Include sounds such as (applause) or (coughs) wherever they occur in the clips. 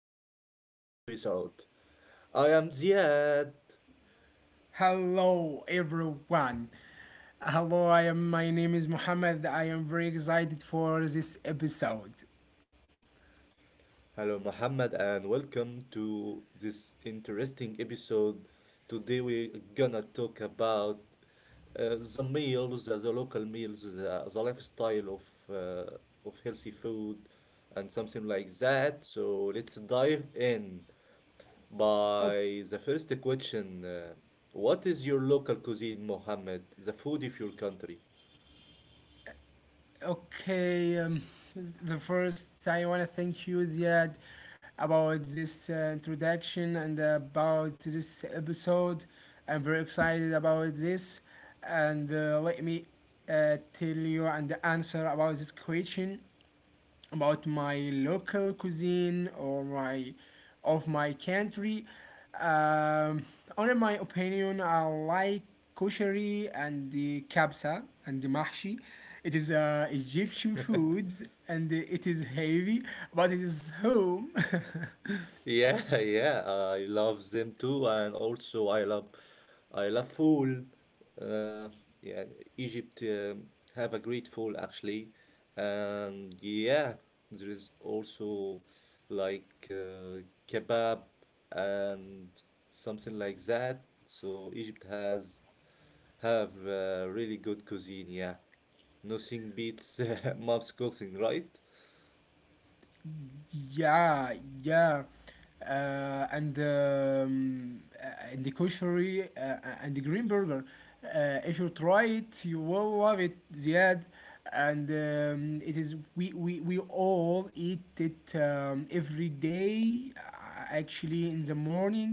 very delicious episode. I am Ziad. Hello, everyone. Hello, I am. My name is Mohammed. I am very excited for this episode. Hello Muhammad and welcome to this interesting episode. Today we're gonna talk about the meals, the local meals, the lifestyle uh, of healthy food and something like that. So let's dive in O- by the first question. What is your local cuisine, Mohammed? The food of your country? Okay, um, the first I want to thank you, Ziad, about this introduction and about this episode. I'm very excited about this, and let me tell you and answer about this question. About my local cuisine or my of my country. Um, on my opinion, I like koshari and the kabsa and the mahshi. It is Egyptian food and it is heavy, but it is home. (laughs) Yeah, (laughs) yeah, I love them too, and also I love food. Uh, yeah, Egypt have a great food actually, and yeah, there is also like kebab and something like that. So Egypt has have really good cuisine. Yeah, nothing beats (laughs) mom's cooking, right? Yeah, yeah, and the kosher and the green burger. If you try it, you will love it, Ziad. And it is we all eat it every day, actually in the morning,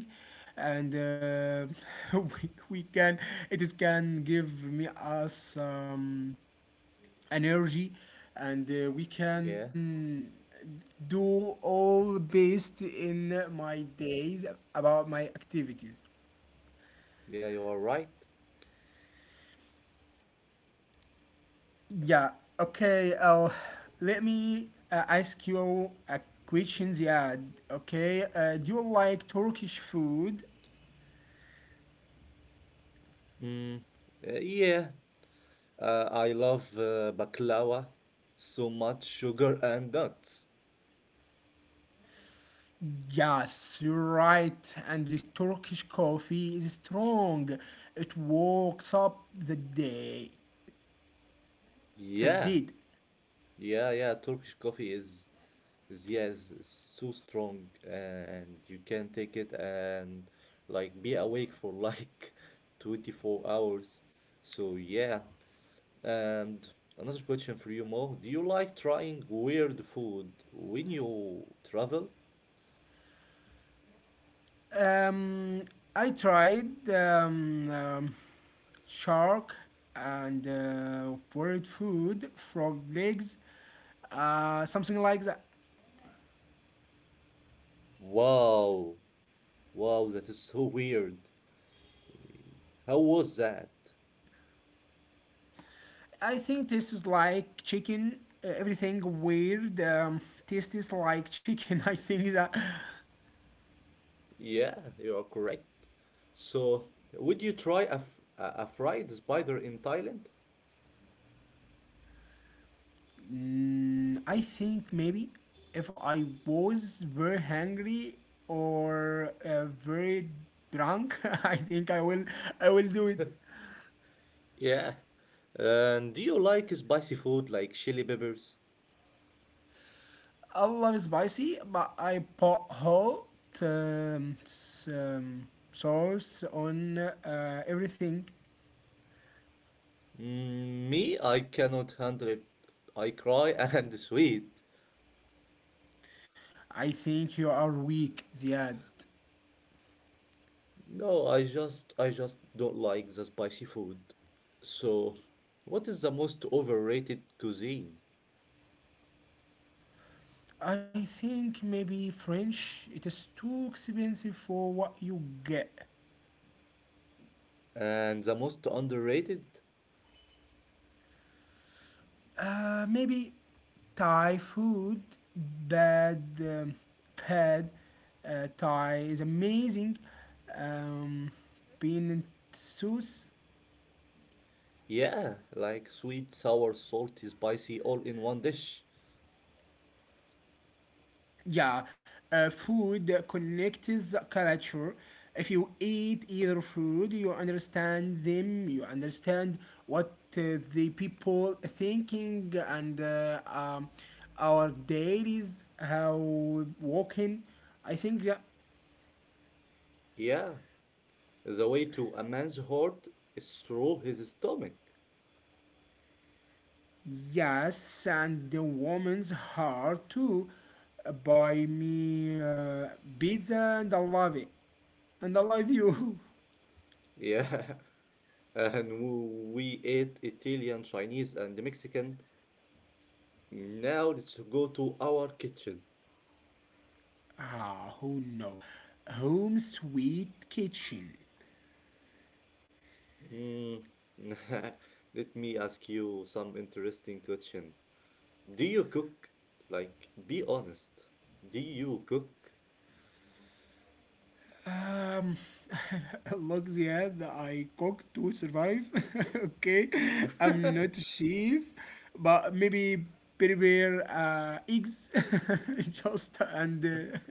and (laughs) we can it is can give me us. Energy and we Yeah, can do all based in my days about my activities. yeah, you are right. Yeah, okay, let me ask you a questions. Yeah, okay, do you like turkish food? Mm. Yeah. I love baklava, so much sugar and nuts. Yes, you're right. And the Turkish coffee is strong. It wakes up the day. The Yeah, did. yeah, yeah. Turkish coffee is yes, so strong, and you can take it and like be awake for like (laughs) 24 hours. So yeah. And another question for you, Mo. Do you like trying weird food when you travel? Um, I tried shark and bird food, frog legs, something like that. Wow, wow, that is so weird. How was that? I think this is like chicken. Everything weird tastes like chicken. (laughs) I think that. Yeah, you are correct. So, would you try a, f- a fried spider in Thailand? Mm, I think maybe if I was very hungry or very drunk, (laughs) I think I will. I will do it. Yeah. And do you like spicy food like chili peppers? I love spicy, but I put hot sauce on everything. Mm, I cannot handle it. I cry (laughs) and sweet. I think you are weak, Ziad. No, I just don't like the spicy food. So, what is the most overrated cuisine? I think maybe French. It is too expensive for what you get. And the most underrated? Maybe Thai food, bad, bad. Thai is amazing. Um, bean and sauce. Yeah, like sweet, sour, salty, spicy all in one dish. Yeah, food connects culture. If you eat either food, you understand them, you understand what the people thinking and our dailies, how walking. I think that, Yeah, the way to a man's heart is through his stomach. yes, and the woman's heart too. Buy me pizza and I love it. And I love you. (laughs) Yeah, (laughs) and we ate Italian, Chinese, and Mexican. Now let's go to our kitchen. Ah, who know? Home sweet kitchen. Mm, (laughs) Let me ask you some interesting question. Do you cook? Like, be honest. Do you cook? Um, (laughs) look, Ziad, I cook to survive. (laughs) Okay, I'm not a (laughs) chef, but maybe prepare eggs, (laughs) just and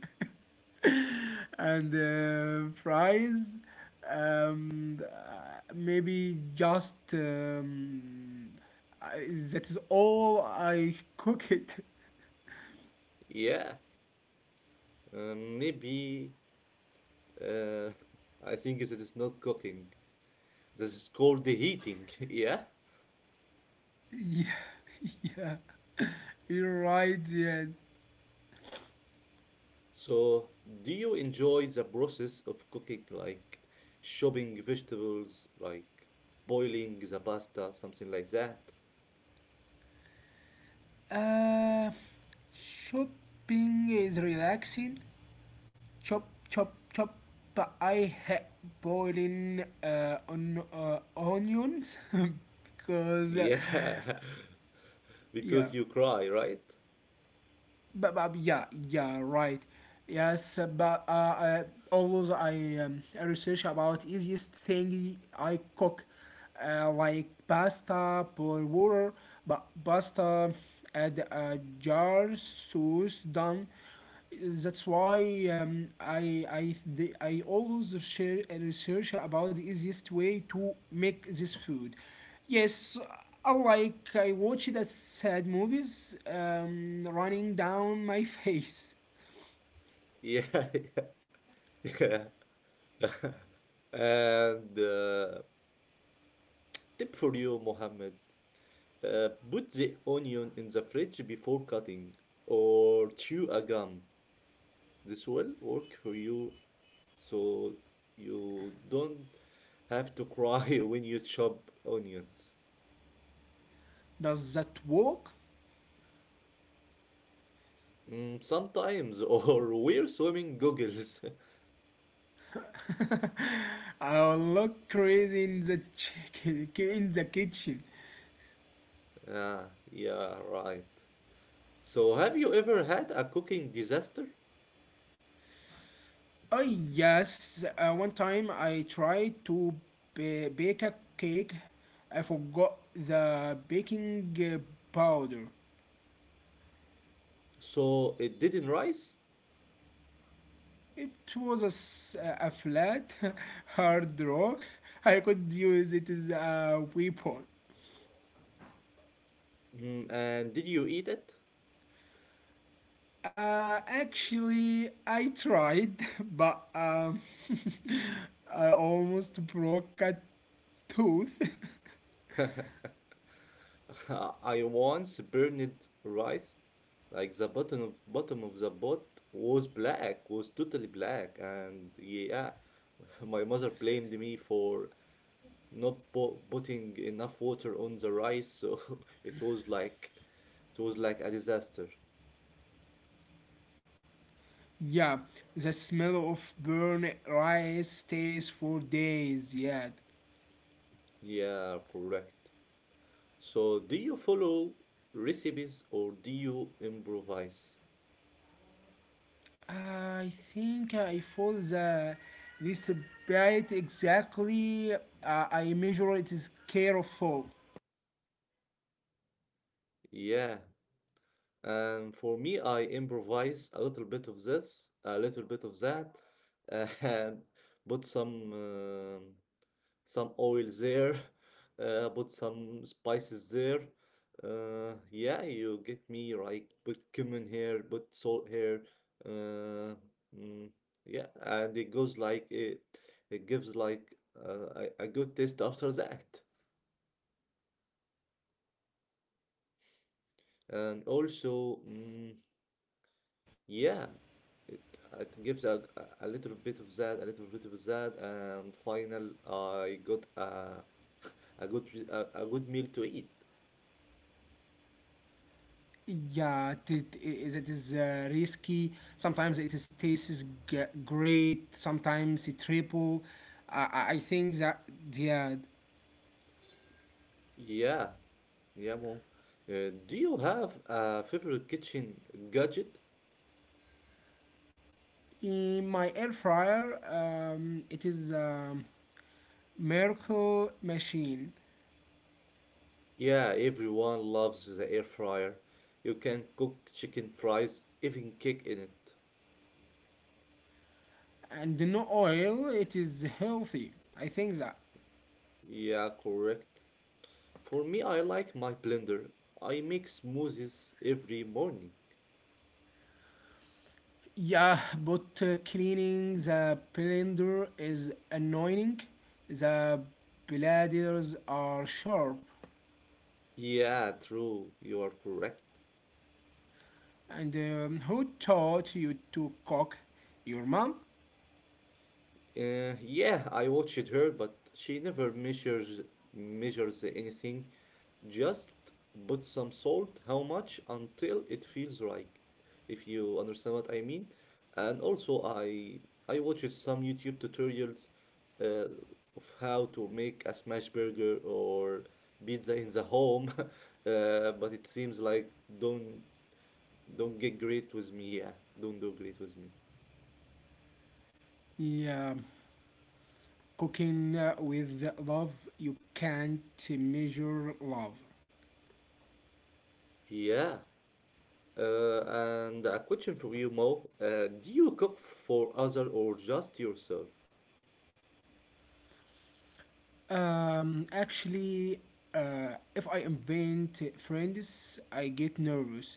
uh, (laughs) and fries. Maybe just I, that is all I cook it. Yeah, maybe. Uh, (laughs) I think this is not cooking. This is called the heating. (laughs) Yeah. Yeah, (laughs) yeah, you're right, yeah. So, do you enjoy the process of cooking, like chopping vegetables, like boiling the pasta, something like that? Uh, shopping is relaxing. Chop, chop, chop. But I hate boiling onions (laughs) because, Yeah, (laughs) yeah. because you cry, right? But yeah, yeah, right. Yes, but always I research about easiest thing I cook, like pasta, boil water, but pasta, add a jar, sauce, done. That's why I always share research about the easiest way to make this food. Yes, I like I watch that sad movies running down my (laughs) face. Yeah, (laughs) yeah, yeah. (laughs) And tip for you, Mohammed, put the onion in the fridge before cutting, or chew a gum. This will work for you so you don't have to cry (laughs) when you chop onions. Does that work? Mm, sometimes, (laughs) or wear swimming goggles. (laughs) I will look crazy in the chicken, in the kitchen. Ah, yeah, right. So, have you ever had a cooking disaster? Oh yes, one time I tried to bake a cake. I forgot the baking powder. So, it didn't rise? It was a, a flat, (laughs) hard rock. I could use it as a weapon. Mm, and did you eat Actually, I tried, (laughs) but (laughs) I almost broke a tooth. (laughs) it? (laughs) (laughs) I once burned rice, like the bottom of the pot was totally black, and yeah, (laughs) my mother blamed me for not po putting enough water on the rice, so (laughs) it was like it was like a disaster. Yeah, the smell of burnt rice stays for days yet. Yeah, correct. So do you follow recipes or do you improvise? I think I feel the this bite exactly. I measure it is careful. Yeah, and for me, I improvise a little bit of this, a little bit of that, (laughs) and put some oil there, (laughs) put some spices there. Yeah, you get me right. Put cumin here, put salt here. Uh, mm, yeah, and it goes like it gives like a good taste after that. And also, yeah, it, it gives a little bit of that, a little bit of that, and final I got a good meal to eat. Yeah, it is risky. Sometimes it is tastes great. Sometimes it triple. I think that, yeah, Yeah, yeah, mom. Do you have a favorite kitchen gadget? in my air fryer, it is a miracle machine, Yeah, everyone loves the air fryer. You can cook chicken fries, even cake in it. and no oil. It is healthy. I think that. Yeah, correct. For me, I like my blender. I make smoothies every morning. Yeah, but cleaning the blender is annoying. The bladders are sharp. Yeah, true. You are correct. And who taught you to cook? Your mom? Yeah, I watched her, but she never measures anything. Just put some salt, how much, until it feels right. If you understand what I mean. And also, I watched some YouTube tutorials uh, of how to make a smash burger or pizza in the home. (laughs) But it seems like don't don't get great with me. Yeah, don't do great with me. Yeah, cooking with love, you can't measure love. Yeah. And a question for you, Mo. Do you cook for other or just yourself? Actually, if I invent friends, I get nervous.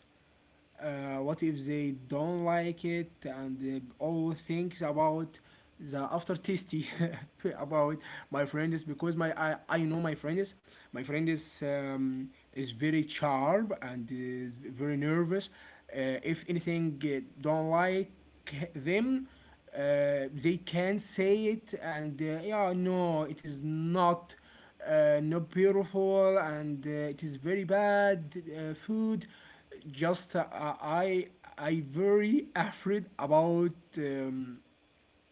What if they don't like it and they all thinks about the after tasty (laughs) about my friend is because I know my friend is very sharp and is very nervous. If anything don't like them, uh, they can say it and yeah no it is not not beautiful and it is very bad food just i I very afraid about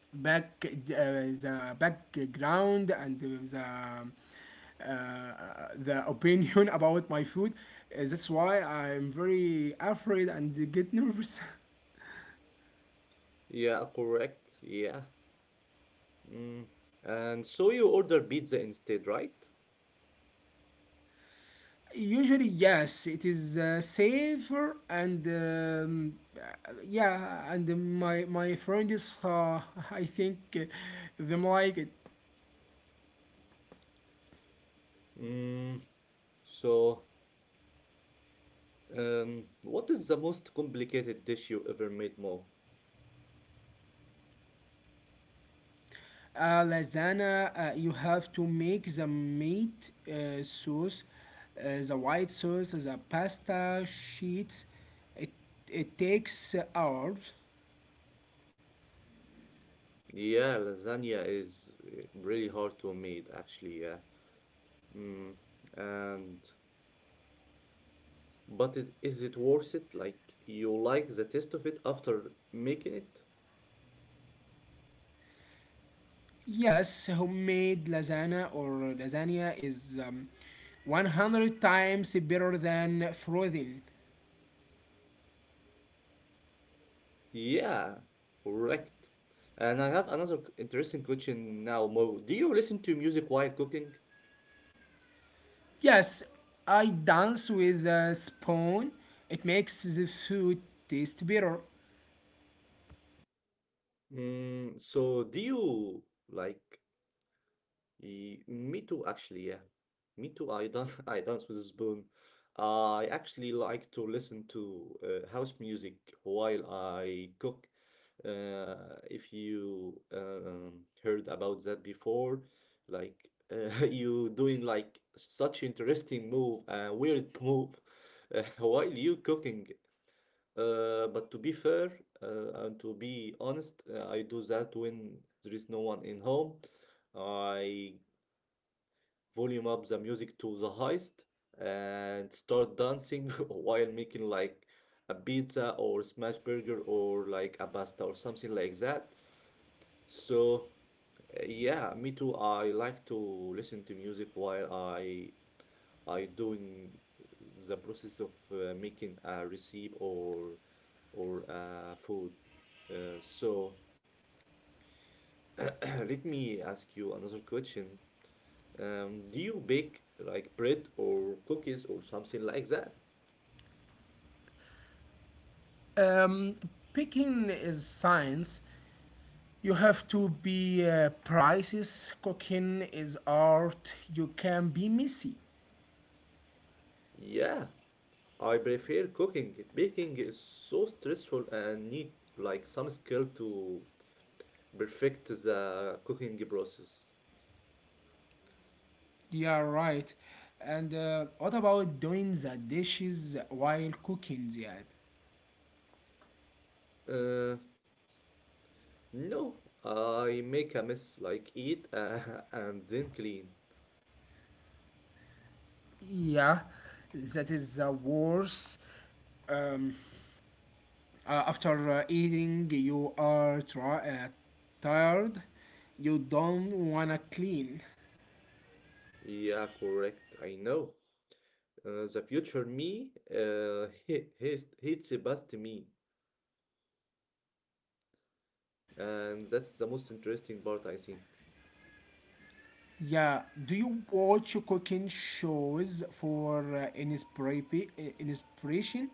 back the background and the uh, the opinion (laughs) about my food. That's why I'm very afraid and get nervous. (laughs) Yeah, correct. Yeah. Mm. And so you order pizza instead, right? Usually, yes, it is safer and yeah, and my friends, (laughs) I think them like it. Mm. So, what is the most complicated dish you ever made, Mo? Lasagna, you have to make the meat sauce, the white sauce, the pasta sheets. It it takes hours. Yeah, lasagna is really hard to make, actually. Yeah. Mm. And but is it worth it? Like you like the taste of it after making it? Yes, homemade lasagna or lasagna is 100 times better than frozen. Yeah, correct. And I have another interesting question now, Mo. Do you listen to music while cooking? Yes, I dance with a spoon. It makes the food taste better. Mm, so do you like me too, actually, yeah. Me too. I dance, (laughs) I dance with a spoon. I actually like to listen to house music while I cook. If you heard about that before, like (laughs) you doing like such interesting move, weird move, (laughs) while you cooking. But to be fair and to be honest, I do that when there is no one in home. I volume up the music to the highest and start dancing (laughs) while making like a pizza or smash burger or like a pasta or something like that. So yeah, me too. I like to listen to music while I doing the process of making a recipe or food. So (clears throat) let me ask you another question. Do you bake like bread or cookies or something like that? Um, picking is science. You have to be precise. Cooking is art. You can be messy. Yeah, I prefer cooking. Baking is so stressful and need like some skill to perfect the cooking process. Yeah, right. And what about doing the dishes while cooking, Ziad? Uh, no, I make a mess like eat (laughs) and then clean. Yeah, that is the worst. Um, Uh, after eating, you are tired. You don't wanna clean. Yeah, correct. I know. The future me, (laughs) he's, the best me, and that's the most interesting part I think. Yeah. Do you watch cooking shows for inspiration?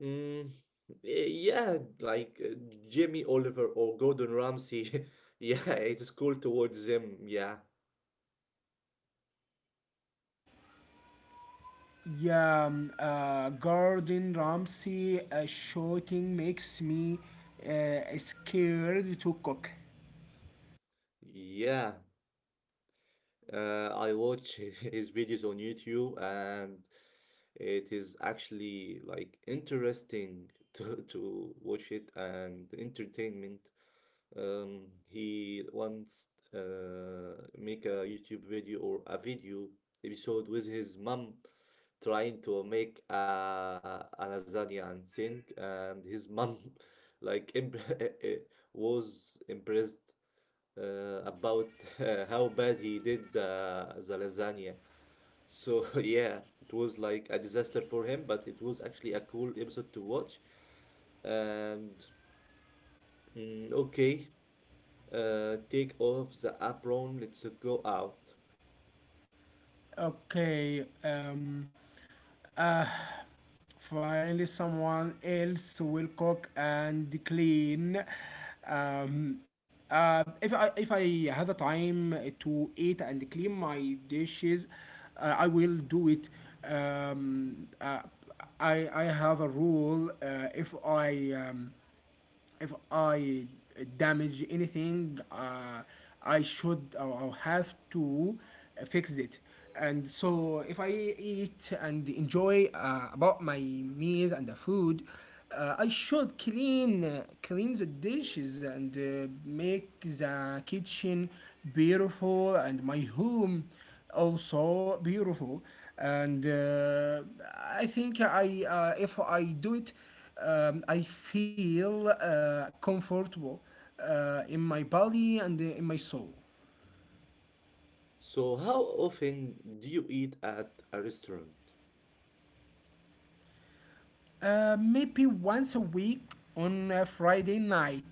Mm, yeah, like Jimmy Oliver or Gordon Ramsay. (laughs) Yeah, it's cool towards them. Yeah, Yeah. Gordon Ramsay shooting makes me scared to cook. yeah. I watch (laughs) his videos on YouTube, and it is actually like interesting to (laughs) to watch it and entertainment. He once make a YouTube video or a video episode with his mom trying to make a lasagna and think and his mom (laughs) like imp- (laughs) was impressed about (laughs) how bad he did the lasagna. So (laughs) yeah, it was like a disaster for him, but it was actually a cool episode to watch. And okay, take off the apron, let's go out. Okay. Finally, someone else will cook and clean. Um, if I have the time to eat and clean my dishes, I will do it. Um, uh, I have a rule. If I damage anything, I should or have to fix it. And so, if I eat and enjoy about my meals and the food, I should clean clean the dishes and make the kitchen beautiful and my home also beautiful. And I think I if I do it I feel comfortable in my body and in my soul. So, how often do you eat at a restaurant? Maybe once a week on a Friday night.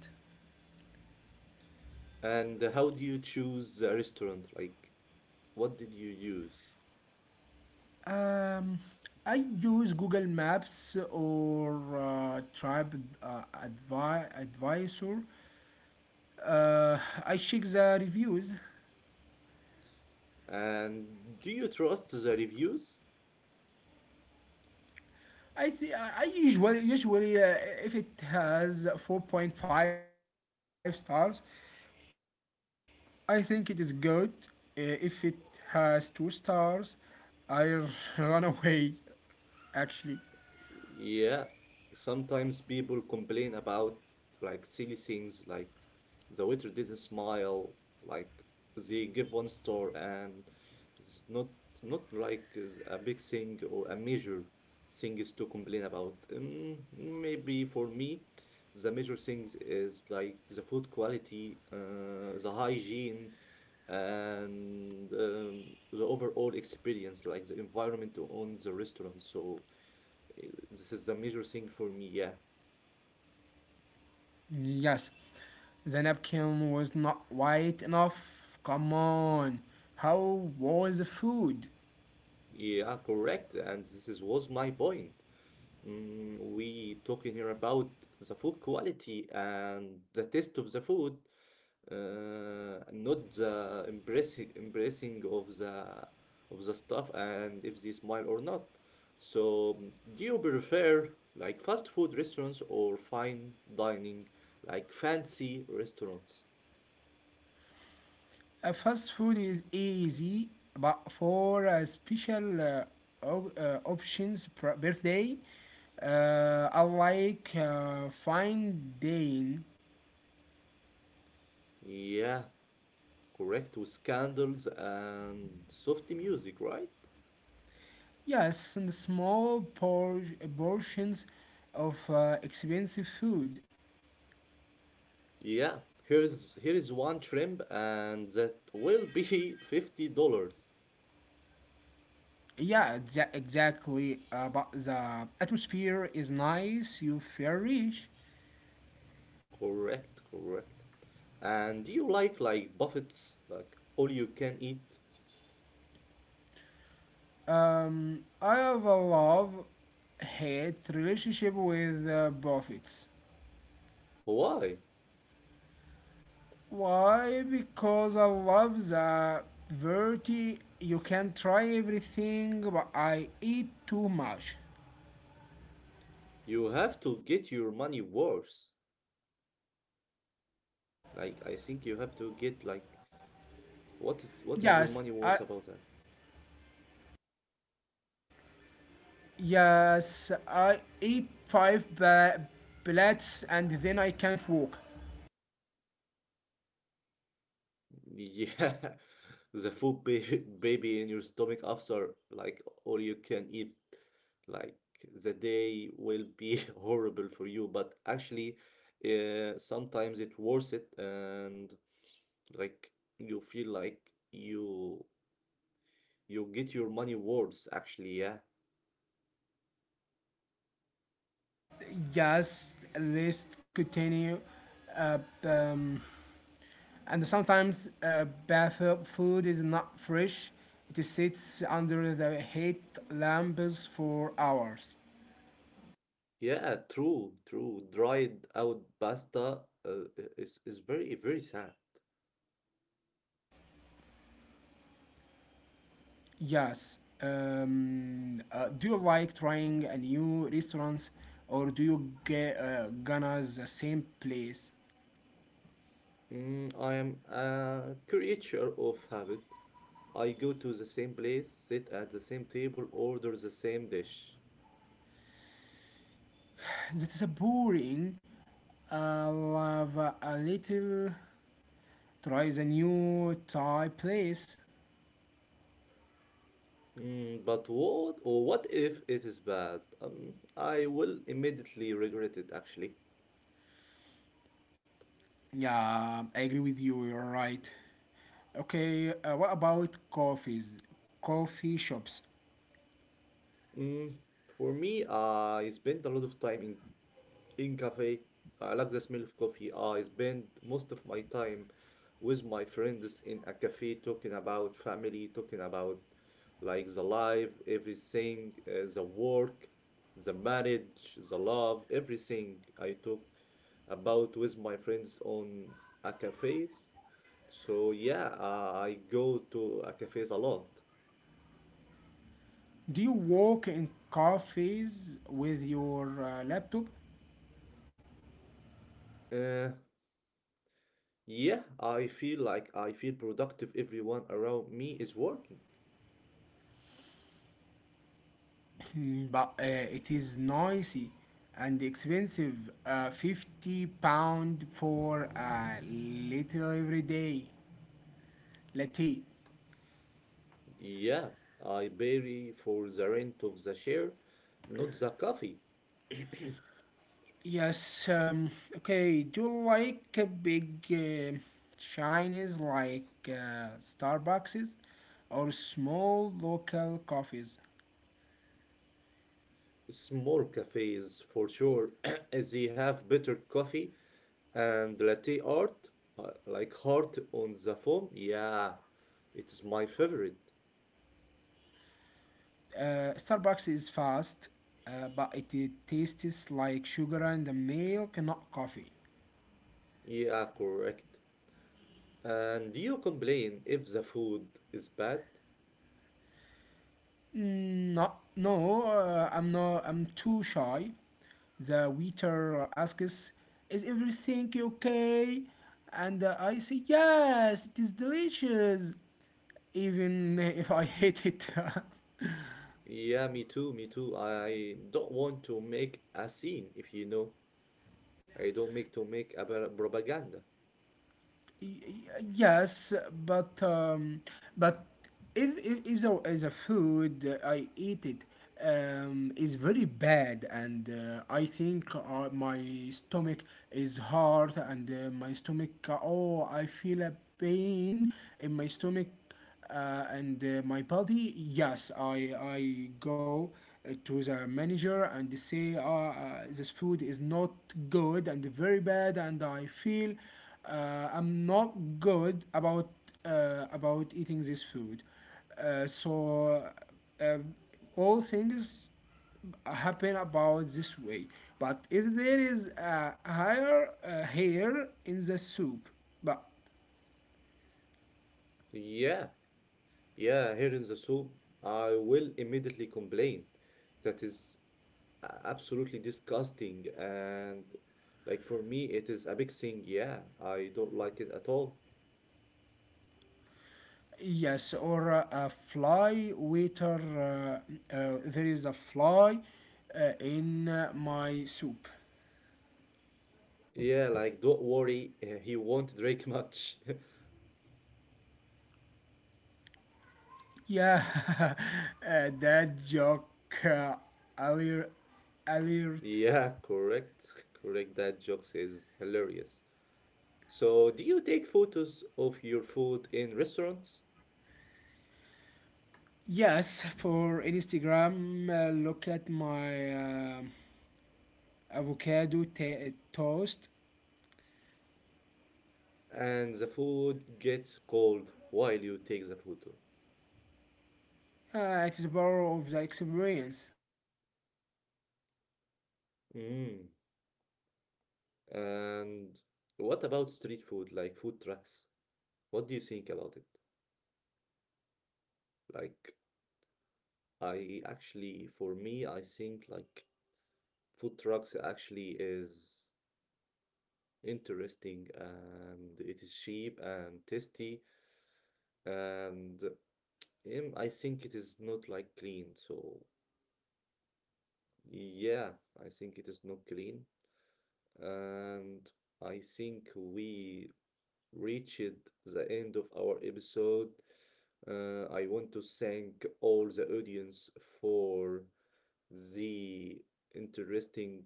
And how do you choose the restaurant? Like, what did you use? Um, I use Google Maps or Tribe Advisor. Uh, I check the reviews. And do you trust the reviews? I usually if it has 4.5 stars, I think it is good if it has two stars. I r- (laughs) run away, actually. Yeah, sometimes people complain about like silly things, like the waiter didn't smile, like they give one star, and it's not like is a big thing or a major thing is to complain about. Maybe for me, the major things is like the food quality, the hygiene, and the overall experience, like the environment on the restaurant. So. This is the major thing for me. Yeah, Yes, the napkin was not white enough. Come on. How was the food? yeah, correct. And this is was my point. Mm, we talking here about the food quality and the taste of the food, not the embracing of the stuff and if they smile or not. So, do you prefer like fast food restaurants or fine dining, like fancy restaurants? A fast food is easy, but for a special options birthday, I like fine dining. Yeah, correct, with candles and soft music, right? Yes, and the small portions of expensive food. Yeah, here is one shrimp and that will be (laughs) $50. Yeah, exactly. But the atmosphere is nice. You feel rich. Correct, correct. And do you like buffets, like all you can eat? I have a love-hate relationship with buffets. Why? Why? Because I love the variety. You can try everything, but I eat too much. You have to get your money worth, like I think you have to get like what is your Yes, money I worth about that? Yes, I eat five pellets and then I can't walk. Yeah, (laughs) the food baby in your stomach after like all you can eat, like the day will be (laughs) horrible for you, but actually, sometimes it worth it, and like you feel like you you get your money worth actually. Yeah, Yes, let's continue. Uh, um, and sometimes bath food is not fresh. It sits under the heat lamps for hours. yeah, true, true. Dried out pasta is very very sad. Yes. Do you like trying a new restaurants or do you get gonna the same place? Mm, I am a creature of habit. I go to the same place, sit at the same table, order the same dish. That is boring. I love a little. Try the new Thai place. Mm, but what if it is bad? I will immediately regret it actually. Yeah, I agree with you. You're right. Okay, what about coffees? Coffee shops. Mm, for me, I spent a lot of time in cafe. I like the smell of coffee. I spend most of my time with my friends in a cafe talking about family, talking about like the life, everything, the work, the marriage, the love, everything I talk about with my friends on a cafes. So yeah, I go to a cafes a lot. Do you work in cafes with your laptop? Uh, yeah, I feel like I feel productive. Everyone around me is working. (clears throat) but it is noisy and expensive. £50 for a little everyday latte. Yeah, I pay for the rent of the share, not the coffee. (coughs) (clears throat) Yes, okay. Do you like a big Chinese like Starbucks or small local coffees? Small cafes for sure, (coughs) (clears throat) they have better coffee and latte art, like heart on the foam. Yeah, it is my favorite. Starbucks is fast, it tastes like sugar and milk, not coffee. Yeah, correct. And do you complain if the food is bad? No, no, I'm not. I'm too shy. The waiter asks, "Is everything okay?" And I say, "Yes, it is delicious." Even if I hate it. (laughs) Yeah, me too, me too. I don't want to make a scene, if you know. I don't make to make a propaganda. Yes, but but if there is a food I eat it is very bad, and I think my stomach is hard, and my stomach oh I feel a pain in my stomach and my body yes I go to the manager and say this food is not good and very bad and I feel I'm not good about eating this food so uh, all things happen about this way, but if there is a higher hair in the soup but Yeah. Yeah, here in the soup, I will immediately complain. That is absolutely disgusting. And like for me, it is a big thing. Yeah, I don't like it at all. yes, or a fly waiter. There is a fly in my soup. Yeah, like don't worry, he won't drink much. (laughs) Yeah, (laughs) that joke uh, alert, alert. Yeah, correct. (laughs) Correct. That jokes is hilarious. So, do you take photos of your food in restaurants Yes, for Instagram, look at my avocado toast. and the food gets cold while you take the photo? It is part of the experience. Mm. And what about street food, like food trucks? What do you think about it? Like, Um, for I me, love I street think like food. It is cheap food and trucks tasty. actually is interesting and it is cheap and tasty and I think it is not like clean. So yeah, I think it is not clean and I think we reached the end of our episode. I want to thank all the audience for the interesting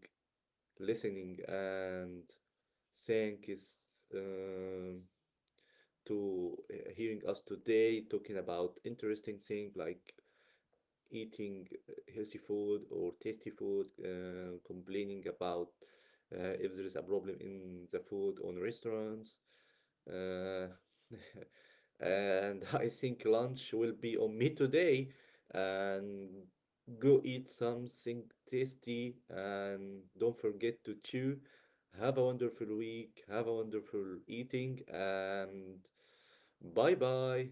listening and thank is um, to hearing us today talking about interesting thing like eating healthy food or tasty food, complaining about if there is a problem in the food on restaurants. Uh, (laughs) and I think lunch will be on me today and go eat something tasty and don't forget to chew. Have a wonderful week. Have a wonderful eating and bye bye.